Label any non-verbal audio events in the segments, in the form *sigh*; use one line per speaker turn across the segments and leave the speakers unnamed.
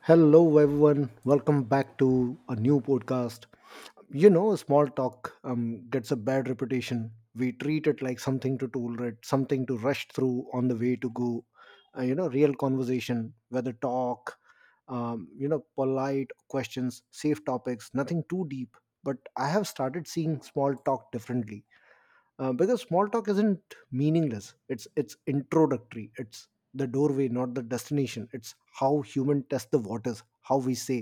Hello, everyone. Welcome back to a new podcast. You know, small talk gets a bad reputation. We treat it like something to tolerate, something to rush through on the way to go. You know, real conversation, whether talk, you know, polite questions, safe topics, nothing too deep. But I have started seeing small talk differently because small talk isn't meaningless. It's introductory. It's the doorway, not the destination. It's how human test the waters, how we say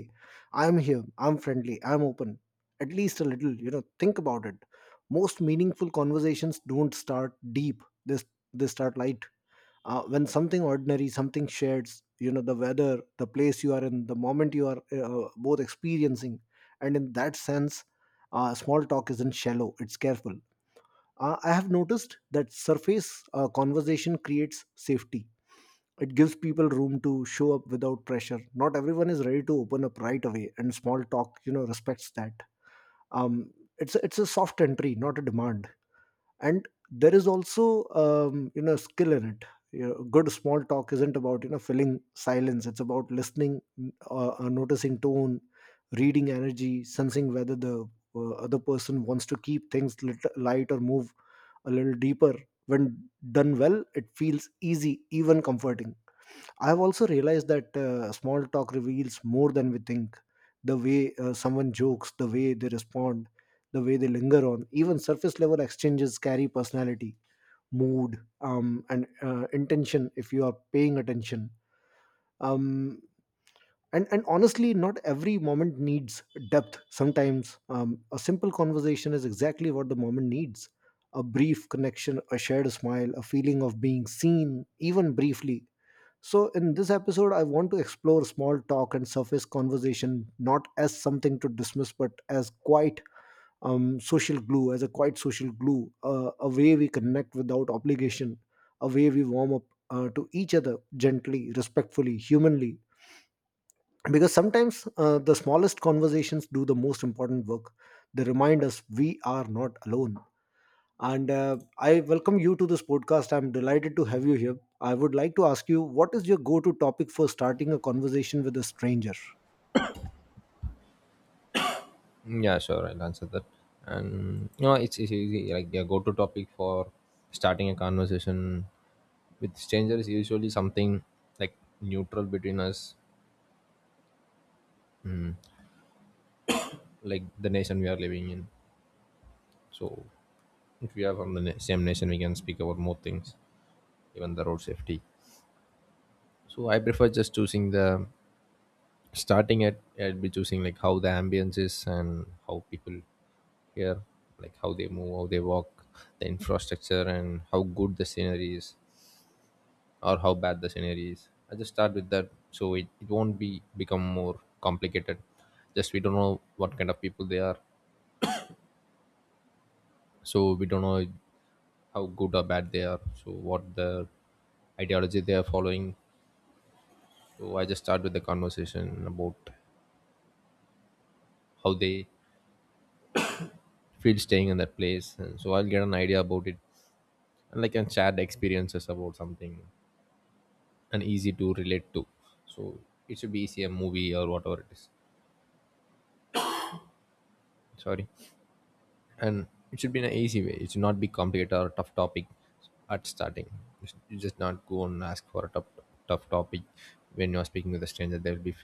I'm here, I'm friendly, I'm open, at least a little. You know, think about it. Most meaningful conversations don't start deep. They start light when something ordinary, something shared. You know, the weather, the place you are in, the moment you are both experiencing. And in that sense, small talk isn't shallow, it's careful. Uh, I have noticed that surface conversation creates safety. It gives people room to show up without pressure. Not everyone is ready to open up right away, and small talk, you know, respects that. Um, it's a soft entry, not a demand. And there is also, you know, skill in it. You know, good small talk isn't about filling silence. It's about listening, noticing tone, reading energy, sensing whether the other person wants to keep things light or move a little deeper. When done well, it feels easy, even comforting. I've also realized that small talk reveals more than we think. The way someone jokes, the way they respond, the way they linger on, even surface level exchanges carry personality, mood, and intention, if you are paying attention. Um, and honestly, not every moment needs depth. Sometimes a simple conversation is exactly what the moment needs: a brief connection, a shared smile, a feeling of being seen, even briefly. So in this episode I want to explore small talk and surface conversation, not as something to dismiss, but as quite social glue, as a quite social glue, a way we connect without obligation, a way we warm up to each other, gently, respectfully, humanly. Because sometimes the smallest conversations do the most important work. They remind us we are not alone. And I welcome you to this podcast. I'm delighted to have you here. I would like to ask you, what is your go-to topic for starting a conversation with a stranger?
Yeah, sure. I'll answer that. And you know, it's easy. Like a go-to topic for starting a conversation with strangers is usually something like neutral between us, like the nation we are living in. So, if we are from the same nation, we can speak about more things, even the road safety. So, I prefer just choosing the starting at. I'd be choosing like how the ambience is and how people here, like how they move, how they walk, the infrastructure, and how good the scenery is or how bad the scenario is. I just start with that so it won't be become more complicated. Just we don't know what kind of people they are. So we don't know how good or bad they are. So what the ideology they are following. So I just start with the conversation about how they feel staying in that place. And so I'll get an idea about it and like and shared experiences about something and easy to relate to. So it should be easy a movie or whatever it is. Sorry. And it should be in an easy way. It should not be complicated or tough topic at starting. You just not go and ask for a tough topic when you are speaking with a stranger. They will be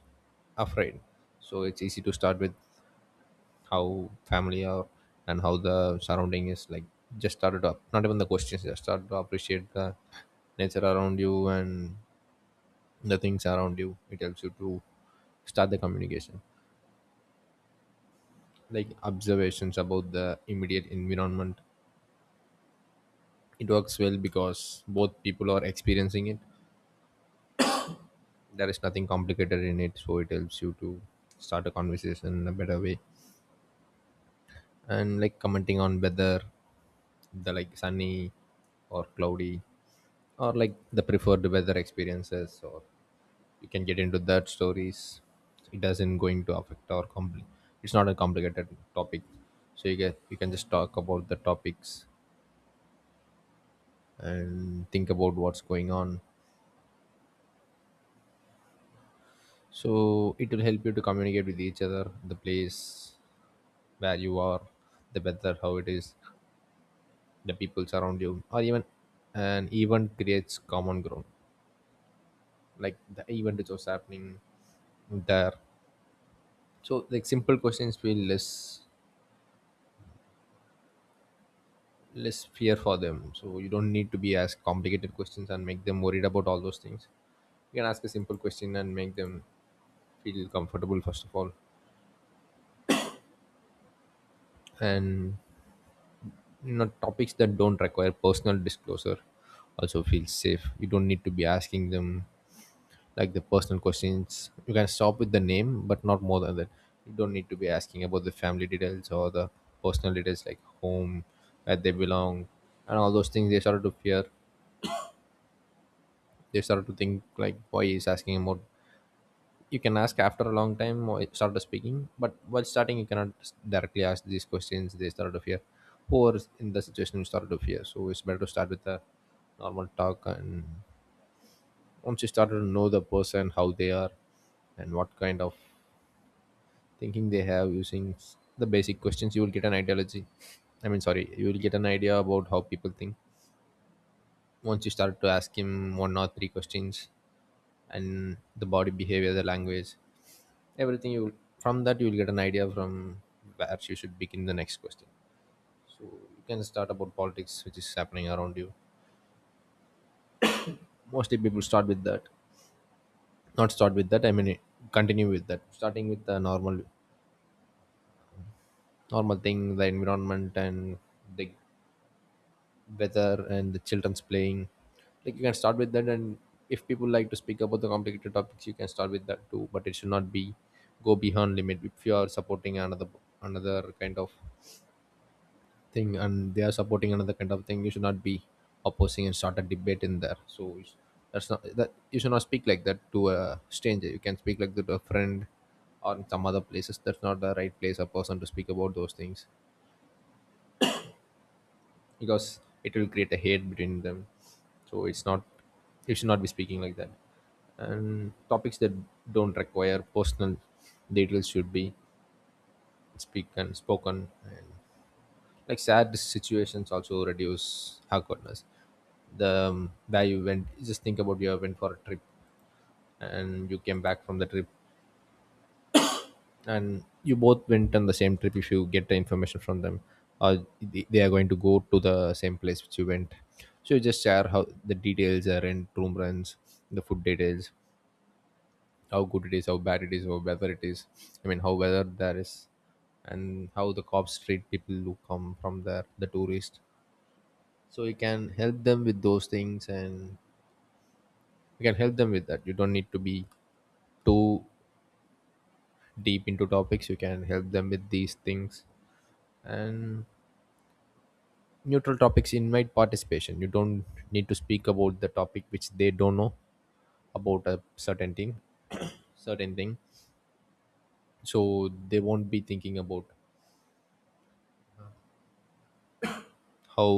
afraid. So it's easy to start with how family are and how the surrounding is like. Just start it up. Not even the questions. Just start to appreciate the nature around you and the things around you. It helps you to start the communication, like observations about the immediate environment. It works well because both people are experiencing it. There is nothing complicated in it, so it helps you to start a conversation in a better way, and like commenting on weather, the like sunny or cloudy, or like the preferred weather experiences, or you can get into that stories. It doesn't going to affect or compli it's not a complicated topic, so you get you can just talk about the topics and think about what's going on. So it will help you to communicate with each other, the place where you are, the weather, how it is, the people around you, or even an event creates common ground. Like the event is also happening there. So like simple questions feel less fear for them. So you don't need to be ask complicated questions and make them worried about all those things. You can ask a simple question and make them feel comfortable first of all. And not topics that don't require personal disclosure also feel safe. You don't need to be asking them like the personal questions. You can stop with the name but not more than that. You don't need to be asking about the family details or the personal details like home, where they belong, and all those things. They started to fear, they started to think like why is asking about. You can ask after a long time or start speaking, but while starting you cannot directly ask these questions. They start to fear or in the situation you start to fear, so it's better to start with a normal talk. And once you start to know the person how they are and what kind of thinking they have, using the basic questions you will get an ideology, I mean sorry you will get an idea about how people think once you start to ask him one or three questions. And the body behavior, the language, everything you, from that you will get an idea from where you should begin the next question. So you can start about politics which is happening around you. Mostly people start with that, not start with that, I mean continue with that. Starting with the normal thing, the environment and the weather and the children's playing, like you can start with that. And if people like to speak about the complicated topics you can start with that too, but it should not be go beyond limit. If you are supporting another kind of thing and they are supporting another kind of thing, you should not be opposing and start a debate in there. So that's not, that you should not speak like that to a stranger. You can speak like that to a friend or in some other places. That's not the right place or person to speak about those things because it will create a hate between them. So it's not, you should not be speaking like that. And topics that don't require personal details should be speak and spoken. And like sad situations also reduce awkwardness. The Where you went, just think about you went for a trip and you came back from the trip, and you both went on the same trip. If you get the information from them, or they are going to go to the same place which you went. So you just share how the details are in room runs, the food details, how good it is, how bad it is, or whether it is, I mean how whether there is, and how the cops treat people who come from there, the tourists. So you can help them with those things, and you can help them with that. You don't need to be too deep into topics. You can help them with these things. And neutral topics invite participation. You don't need to speak about the topic which they don't know about, a certain thing certain thing. So they won't be thinking about how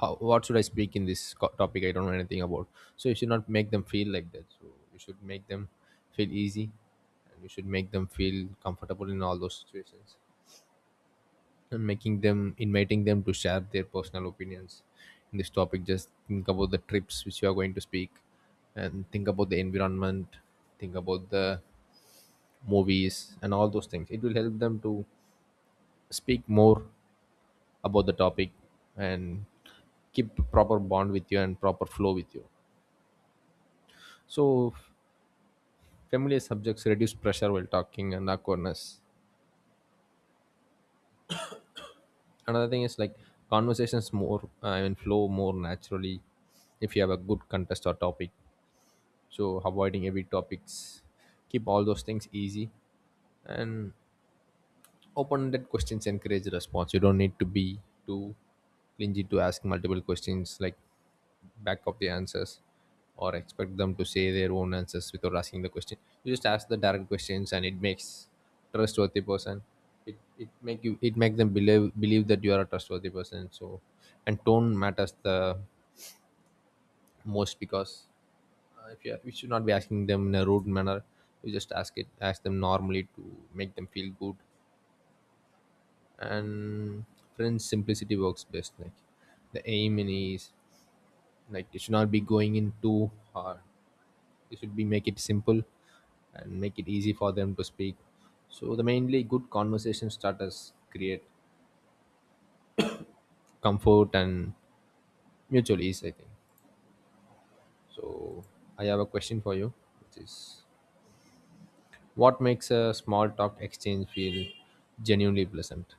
how what should I speak in this topic, I don't know anything about. So you should not make them feel like that. So you should make them feel easy, and you should make them feel comfortable in all those situations. And making them, inviting them to share their personal opinions in this topic. Just think about the trips which you are going to speak and think about the environment, think about the movies and all those things. It will help them to speak more about the topic and keep proper bond with you and proper flow with you. So familiar subjects reduce pressure while talking and awkwardness. Another thing is like conversations more I mean flow more naturally if you have a good contest or topic. So avoiding heavy topics, keep all those things easy. And open-ended questions encourage response. You don't need to be too clingy to ask multiple questions, like back up the answers or expect them to say their own answers without asking the question. You just ask the direct questions and it makes trustworthy person. It make you it make them believe that you are a trustworthy person. So and tone matters the most, because if you we should not be asking them in a rude manner. You just ask it, ask them normally to make them feel good. And French simplicity works best. Like the aim in is like it should not be going in too hard. You should be make it simple and make it easy for them to speak. So the mainly good conversation starters create comfort and mutual ease, I think. So I have a question for you, which is what makes a small talk exchange feel genuinely pleasant?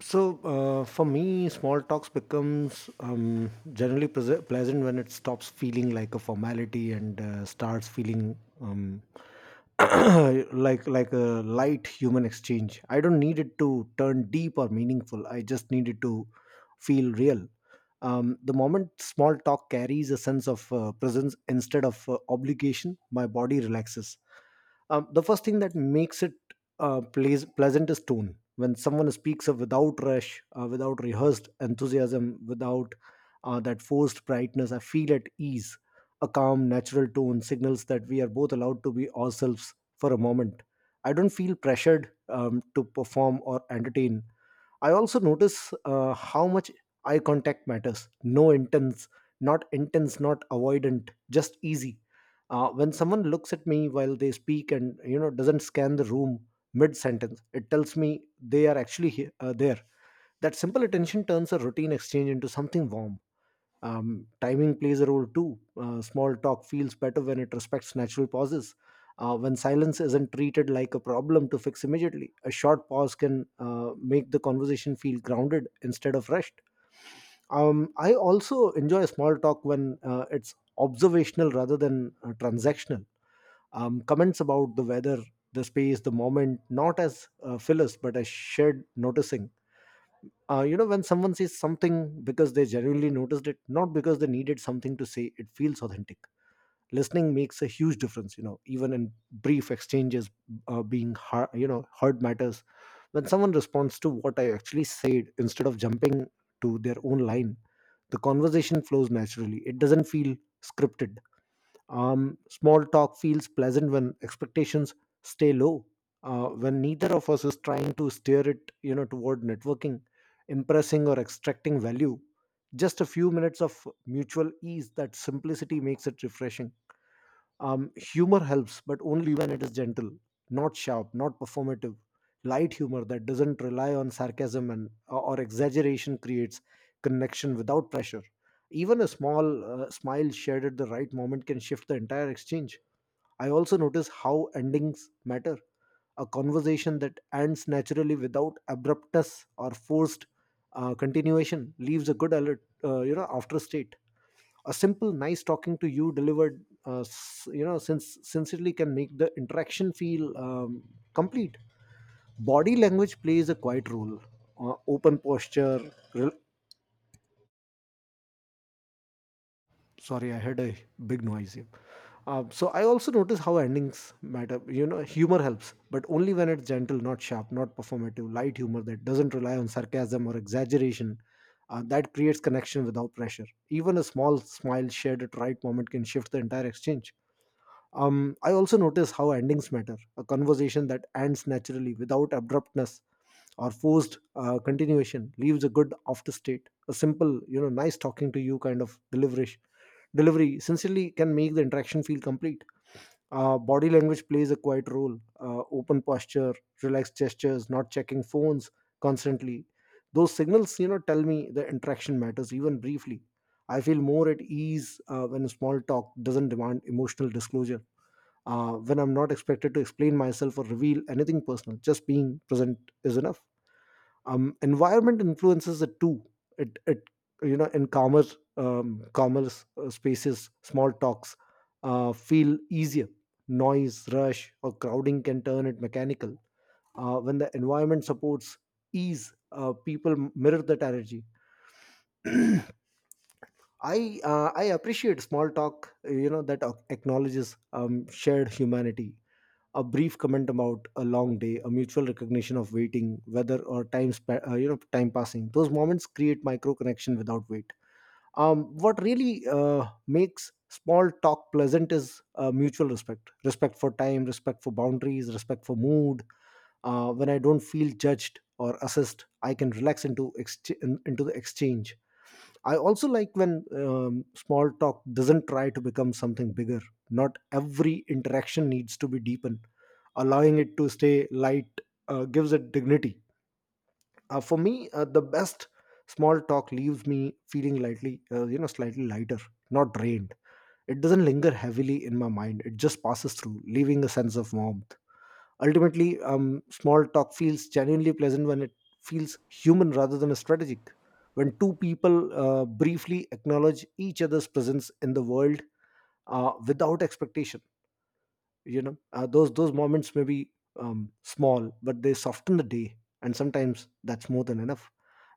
So for me, small talks becomes generally pleasant when it stops feeling like a formality and starts feeling *coughs* *clears throat* like a light human exchange. I don't need it to turn deep or meaningful. I just need it to feel real. The moment small talk carries a sense of presence instead of obligation, my body relaxes. Um, the first thing that makes it pleasant is tone. When someone speaks of without rush, without rehearsed enthusiasm, without that forced brightness, I feel at ease. A calm, natural tone signals that we are both allowed to be ourselves for a moment. I don't feel pressured to perform or entertain. I also notice how much eye contact matters. Not intense, not avoidant, just easy. Uh, when someone looks at me while they speak and, you know, doesn't scan the room mid sentence, it tells me they are actually there. That simple attention turns a routine exchange into something warm. Um, timing plays a role too. Uh, small talk feels better when it respects natural pauses, when silence isn't treated like a problem to fix immediately. A short pause can make the conversation feel grounded instead of rushed. Um, I also enjoy small talk when it's observational rather than transactional. Um, comments about the weather, the space, the moment, not as fillers, but as shared noticing. You know, when someone says something because they genuinely noticed it, not because they needed something to say, it feels authentic. Listening makes a huge difference. You know, even in brief exchanges, being heard matters. When someone responds to what I actually said instead of jumping to their own line, the conversation flows naturally. It doesn't feel scripted. Um, small talk feels pleasant when expectations stay low. When neither of us is trying to steer it, you know, toward networking, impressing, or extracting value, just a few minutes of mutual ease. That simplicity makes it refreshing. Humor helps, but only when it is gentle, not sharp, not performative. Light humor that doesn't rely on sarcasm and or exaggeration creates connection without pressure. Even a small smile shared at the right moment can shift the entire exchange. I also notice how endings matter. A conversation that ends naturally without abruptness or forced continuation leaves a good alert, you know, after state. A simple, nice talking to you delivered, you know, sincerely, can make the interaction feel complete. Body language plays a quiet role. Open posture, re- sorry, I had a big noise here. Um, so I also notice how endings matter. You know, humor helps, but only when it's gentle, not sharp, not performative. Light humor that doesn't rely on sarcasm or exaggeration, that creates connection without pressure. Even a small smile shared at right moment can shift the entire exchange. Um, I also notice how endings matter. A conversation that ends naturally without abruptness or forced continuation leaves a good after state. A simple, you know, nice talking to you kind of delivery, delivery sincerely, can make the interaction feel complete. Body language plays a quiet role. Open posture, relaxed gestures, not checking phones constantly. Those signals, you know, tell me the interaction matters, even briefly. I feel more at ease when small talk doesn't demand emotional disclosure, when I'm not expected to explain myself or reveal anything personal. Just being present is enough. Environment influences it too. It You know, in calmer, spaces, small talks feel easier. Noise, rush, or crowding can turn it mechanical. When the environment supports ease, people mirror that energy. I appreciate small talk, you know, that acknowledges shared humanity: a brief comment about a long day, a mutual recognition of waiting weather or time you know, time passing. Those moments create micro connection without weight. Um, what really makes small talk pleasant is mutual respect: respect for time, respect for boundaries, respect for mood. Uh, when I don't feel judged or assessed, I can relax into the exchange. I also like when small talk doesn't try to become something bigger. Not every interaction needs to be deepened. Allowing it to stay light gives it dignity. For me, the best small talk leaves me feeling lightly, you know, slightly lighter, not drained. It doesn't linger heavily in my mind. It just passes through, leaving a sense of warmth. Ultimately, small talk feels genuinely pleasant when it feels human rather than strategic. When two people briefly acknowledge each other's presence in the world, without expectation, you know, those moments may be small, but they soften the day, and sometimes that's more than enough.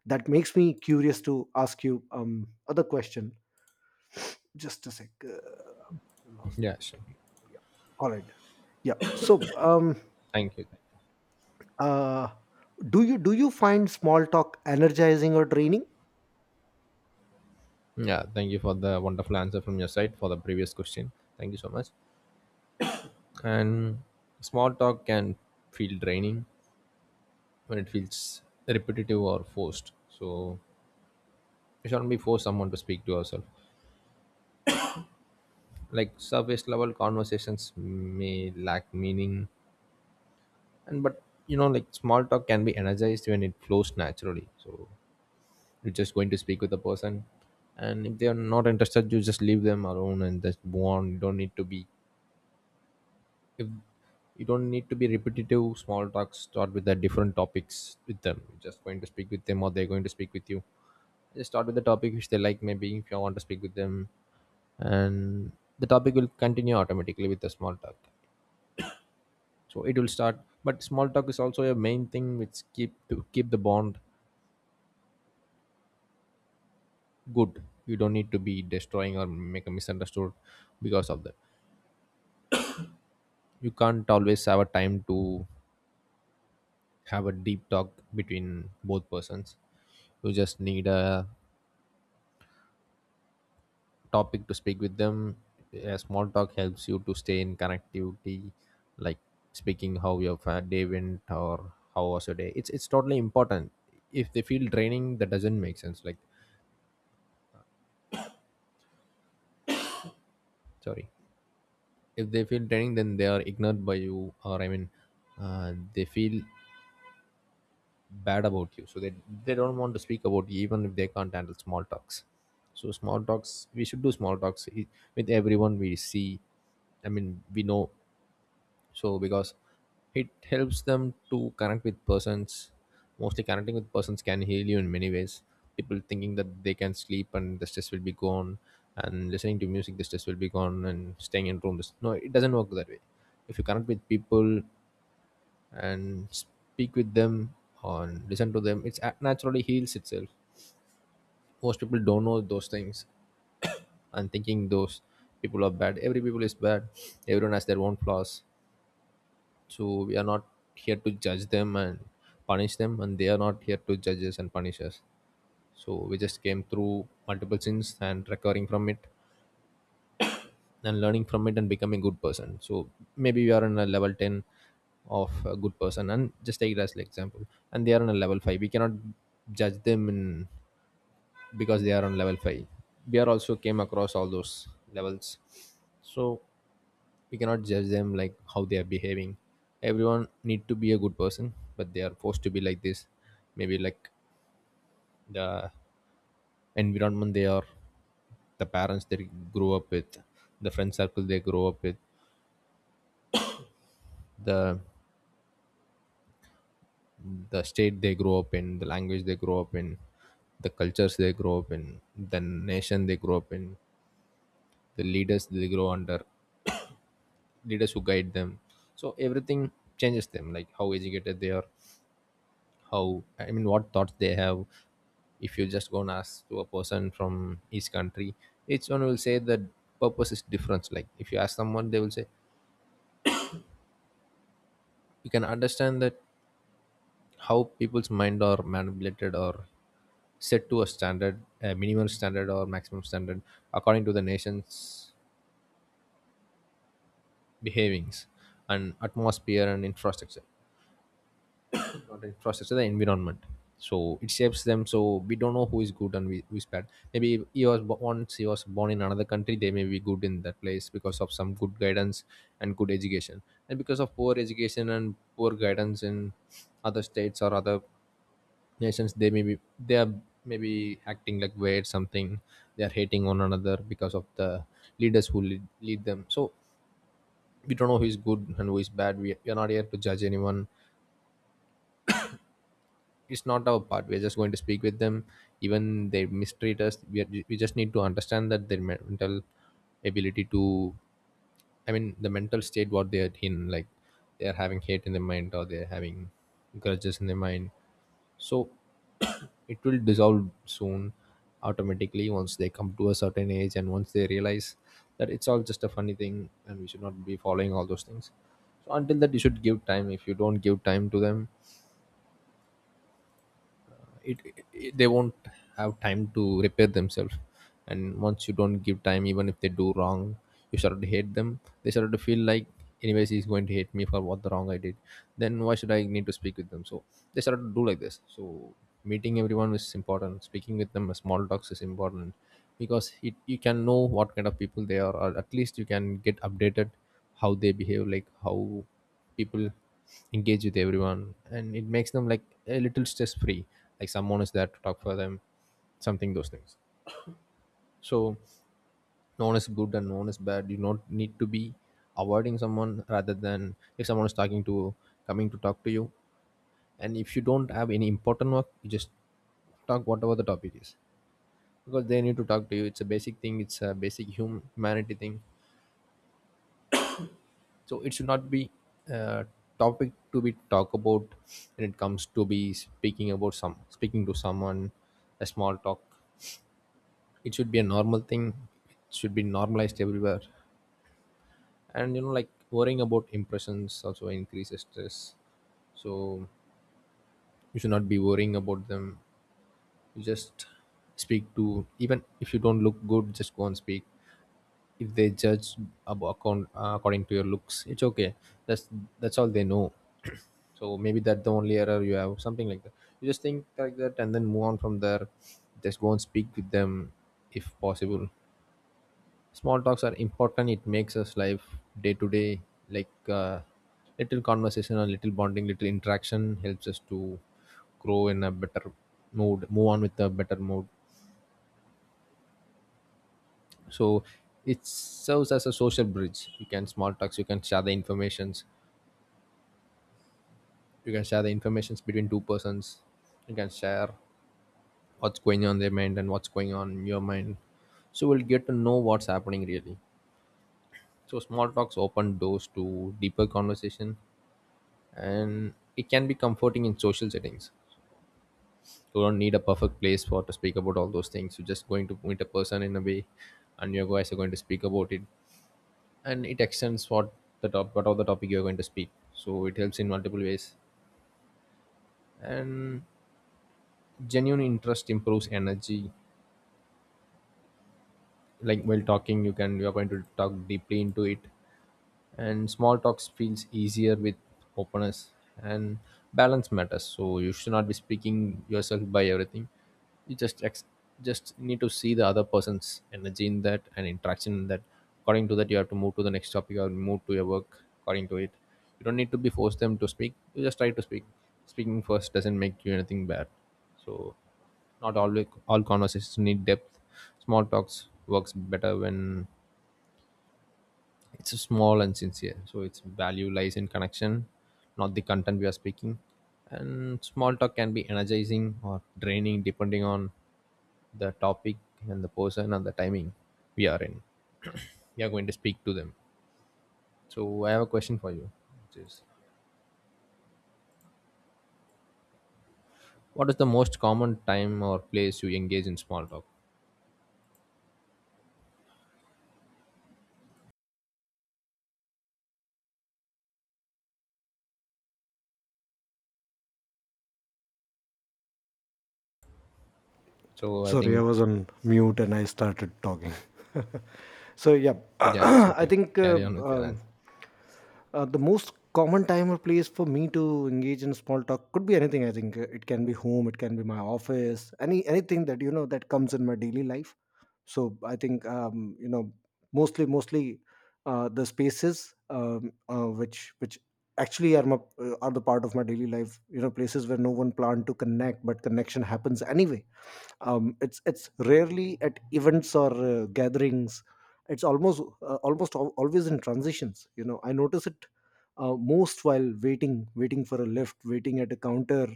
That makes me curious to ask you other question. Just a sec, lost
Yeah,
it
sure.
again. Yeah, all right. Yeah. So,
Thank you.
uh, do you find small talk energizing or draining?
Yeah, thank you for the wonderful answer from your side for the previous question. Thank you so much. And small talk can feel draining when it feels repetitive or forced. So you shouldn't be forced someone to speak to ourselves. Like surface level conversations may lack meaning, and but you know, like small talk can be energized when it flows naturally. So you're just going to speak with the person, and if they are not interested, you just leave them alone and just move on. You don't need to be if you don't need to be repetitive. Small talks start with the different topics with them. You're just going to speak with them or they're going to speak with you. Just start with the topic which they like, maybe, if you want to speak with them, and the topic will continue automatically with the small talk. So it will start, but small talk is also a main thing which keep the bond good. You don't need to be destroying or make a misunderstood because of that. You can't always have a time to have a deep talk between both persons. You just need a topic to speak with them. A small talk helps you to stay in connectivity, like speaking how your day went, or how was your day. It's totally important. If they feel draining, that doesn't make sense, like, sorry, if they feel draining, then they are ignored by you, or I mean, they feel bad about you, so they don't want to speak about you, even if they can't handle small talks. So small talks, we should do small talks with everyone we see, I mean we know. So because it helps them to connect with persons. Mostly connecting with persons can heal you in many ways. People thinking that they can sleep and the stress will be gone, and listening to music the stress will be gone, and staying in rooms, no, it doesn't work that way. If you connect with people and speak with them and listen to them, it's a- naturally heals itself. Most people don't know those things, and thinking those people are bad, every people is bad. Everyone has their own flaws, so we are not here to judge them and punish them, and they are not here to judge us and punish us. So we just came through multiple sins and recovering from it and learning from it and become a good person. So maybe you are on a level 10 of a good person, and just take it as an example, and they are on a level 5. We cannot judge them in because they are on level 5. We are also came across all those levels. So we cannot judge them like how they are behaving. Everyone need to be a good person, but they are forced to be like this. Maybe like the environment they are, the parents they grew up with, the friend circle they grow up with, the the state they grow up in, the language they grow up in, the cultures they grow up in, the nation they grow up in, the leaders they grow under, leaders who guide them. So everything changes them, like how educated they are, how, I mean, what thoughts they have. If you just go and ask to a person from each country, each one will say that purpose is different. Like if you ask someone, they will say you can understand that how people's mind are manipulated or set to a standard, a minimum standard or maximum standard according to the nation's behavings and atmosphere and infrastructure, not infrastructure, the environment. So it shapes them, so we don't know who is good and who is bad. Maybe if he was once he was born in another country, they may be good in that place because of some good guidance and good education, and because of poor education and poor guidance in other states or other nations, they may be, they are maybe acting like weird something. They are hating one another because of the leaders who lead them. So we don't know who is good and who is bad. We are not here to judge anyone. It's not our part. We're just going to speak with them. Even they mistreat us, we just need to understand that their mental ability to, I mean, the mental state what they are in, like they are having hate in their mind or they're having grudges in their mind. So *coughs* *clears throat* it will dissolve soon, automatically, once they come to a certain age and once they realize that it's all just a funny thing and we should not be following all those things. So until that, you should give time. If you don't give time to them, it, it they won't have time to repair themselves. And once you don't give time, even if they do wrong, you start to hate them. They start to feel like, anyways, he's going to hate me for what the wrong I did, then why should I need to speak with them? So they start to do like this. So meeting everyone is important, speaking with them, small talks is important, because you can know what kind of people they are, or at least you can get updated how they behave, like how people engage with everyone, and it makes them like a little stress free, like someone is there to talk for them, something those things. So no one is good and no one is bad. You do not need to be avoiding someone. Rather than if someone is talking to coming to talk to you, and if you don't have any important work, you just talk whatever the topic is, because they need to talk to you. It's a basic thing, it's a basic humanity thing. So it should not be a topic to be talk about. When it comes to be speaking about some speaking to someone, a small talk, it should be a normal thing. It should be normalized everywhere. And you know, like worrying about impressions also increases stress. So you should not be worrying about them. You just speak to, even if you don't look good, just go and speak. If they judge account, according to your looks, it's okay. that's that's all they know. *clears throat* So maybe that the only error you have, something like that. You just think like that and then move on from there. Just go and speak with them if possible. Small talks are important. It makes us life day to day, like, little conversation or little bonding, little interaction helps us to grow in a better mood, move on with a better mood. So it serves as a social bridge. You can Small talks, you can share the informations, you can share the informations between two persons. You can share what's going on their mind and what's going on in your mind, so we'll get to know what's happening really. So small talks open doors to deeper conversation, and it can be comforting in social settings. You don't need a perfect place for to speak about all those things. You're just going to meet a person in a way, and you guys are going to speak about it, and it extends what the top what of the topic you're going to speak, so it helps in multiple ways. And genuine interest improves energy, like while talking, you're going to talk deeply into it. And small talks feels easier with openness. And balance matters, so you should not be speaking yourself by everything. You just just need to see the other person's energy in that and interaction in that. According to that, you have to move to the next topic or move to your work according to it. You don't need to be forced them to speak. You just try to speak. Speaking first doesn't make you anything bad. So not all all conversations need depth. Small talks works better when it's small and sincere. So its value lies in connection, not the content we are speaking. And small talk can be energizing or draining depending on the topic and the person and the timing we are in. We are going to speak to them. So I have a question for you, which is, what is the most common time or place you engage in small talk? So I
Sorry, I
think
was on mute and I started talking. *laughs* So yeah, *clears throat*
yeah, it's
I
okay,
think
carry on with your answer.
the most common time or place for me to engage in small talk could be anything. I think uh, it can be home, it can be my office, anything that, you know, that comes in my daily life. So I think, you know, mostly the spaces, which actually are are the part of my daily life. You know, places where no one planned to connect but connection happens anyway. Um, it's rarely at events or gatherings. It's almost always in transitions. You know, I notice it most while waiting: waiting for a lift, waiting at a counter,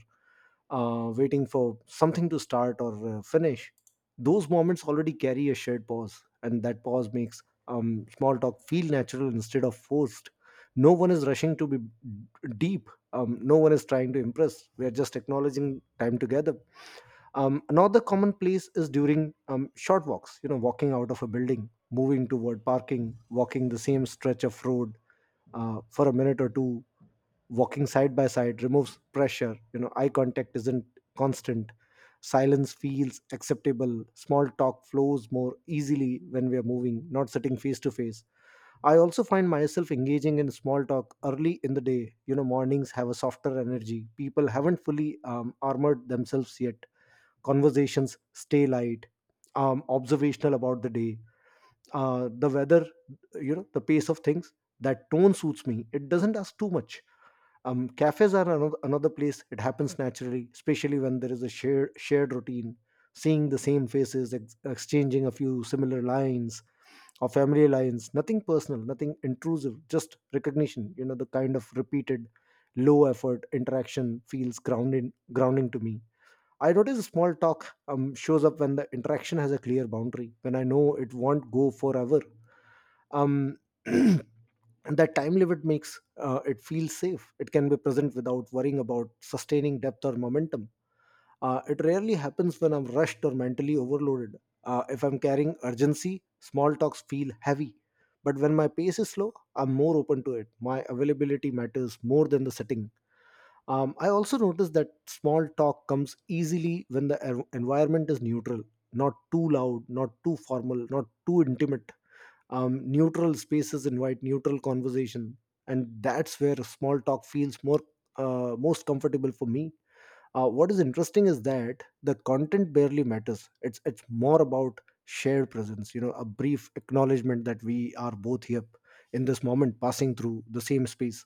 waiting for something to start or finish. Those moments already carry a shared pause, and that pause makes small talk feel natural instead of forced. No one is rushing to be deep. No one is trying to impress. We are just acknowledging time together. Another common place is during short walks. You know, walking out of a building, moving toward parking, walking the same stretch of road for a minute or two. Walking side by side removes pressure. You know, eye contact isn't constant, silence feels acceptable. Small talk flows more easily when we are moving, not sitting face to face. I also find myself engaging in small talk early in the day. You know, mornings have a softer energy, people haven't fully armored themselves yet. Conversations stay light, observational about the day, the weather, you know, the pace of things. That tone suits me, it doesn't ask too much. Cafes are another place it happens naturally, especially when there is a shared routine. Seeing the same faces, exchanging a few similar lines or family lines, nothing personal, nothing intrusive, just recognition. You know, the kind of repeated low effort interaction feels grounding to me. I notice small talk shows up when the interaction has a clear boundary, when I know it won't go forever. Um, *clears throat* and that time limit makes it feel safe. It can be present without worrying about sustaining depth or momentum. It rarely happens when I'm rushed or mentally overloaded. If I'm carrying urgency, small talks feel heavy. But when my pace is slow, I'm more open to it. My availability matters more than the setting. I also noticed that small talk comes easily when the environment is neutral, not too loud, not too formal, not too intimate. Neutral spaces invite neutral conversation, and that's where small talk feels more most comfortable for me. What is interesting is that the content barely matters. It's more about shared presence. You know, a brief acknowledgement that we are both here in this moment, passing through the same space.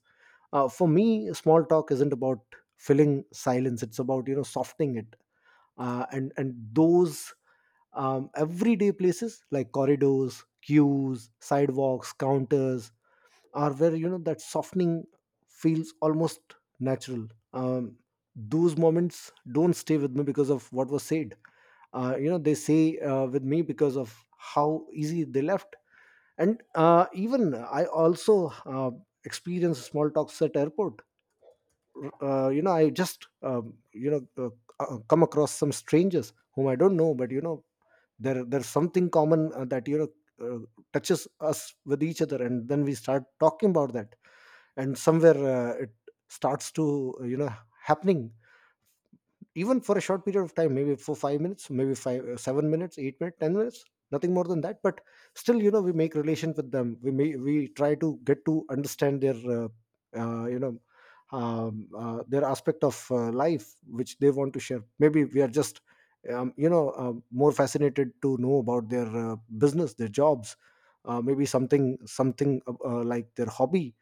For me, small talk isn't about filling silence, it's about, you know, softening it. And those everyday places like corridors, queues, sidewalks, counters are where, you know, that softening feels almost natural. um, those moments don't stay with me because of what was said, you know, they say with me because of how easy they left. And Even I also experienced small talks at airport. You know, I just come across some strangers whom I don't know, but you know, there's something common that, you know, uh, touches us with each other, and then we start talking about that. And somewhere it starts to, you know, happening even for a short period of time, maybe for 5 minutes, maybe 5 7 minutes, 8 minutes, 10 minutes, nothing more than that. But still, you know, we make relation with them. We try to get to understand their uh, you know their aspect of life which they want to share. Maybe we are just more fascinated to know about their business, their jobs, maybe something like their hobby.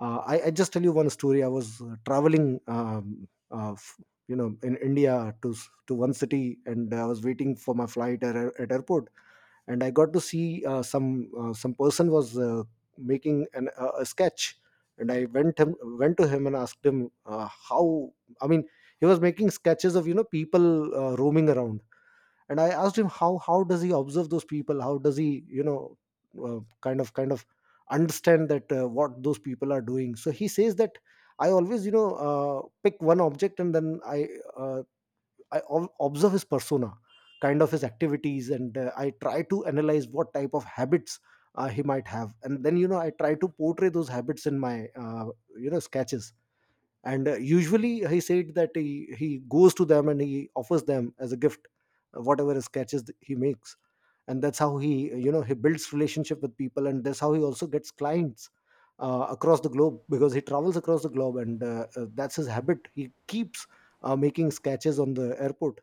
I just tell you one story. I was traveling, you know, in india to to one city, and I was waiting for my flight at airport. And I got to see some some person was making an, a sketch, and I went to him and asked him how. I mean, he was making sketches of, you know, people roaming around, and I asked him how does he observe those people? How does he, you know, uh, kind of understand that what those people are doing? So he says that, I always, you know, pick one object and then I, uh, observe his persona, kind of his activities, and I try to analyze what type of habits he might have, and then, you know, I try to portray those habits in my, you know, sketches. And usually he said that he goes to them and he offers them as a gift, whatever sketches he makes, and that's how he, you know, he builds relationship with people, and that's how he also gets clients. Across the globe, because he travels across the globe, and that's his habit. He keeps making sketches on the airport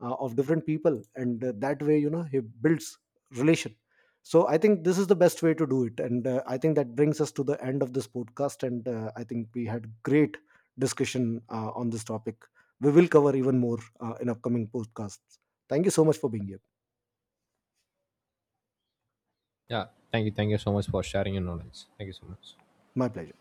of different people, and that way, you know, he builds relation. So I think this is the best way to do it, and I think that brings us to the end of this podcast, and I think we had great discussion on this topic. We will cover even more in upcoming podcasts. Thank you so much for being here.
Yeah. Thank you. Thank you so much for sharing your knowledge. Thank you so much.
My pleasure.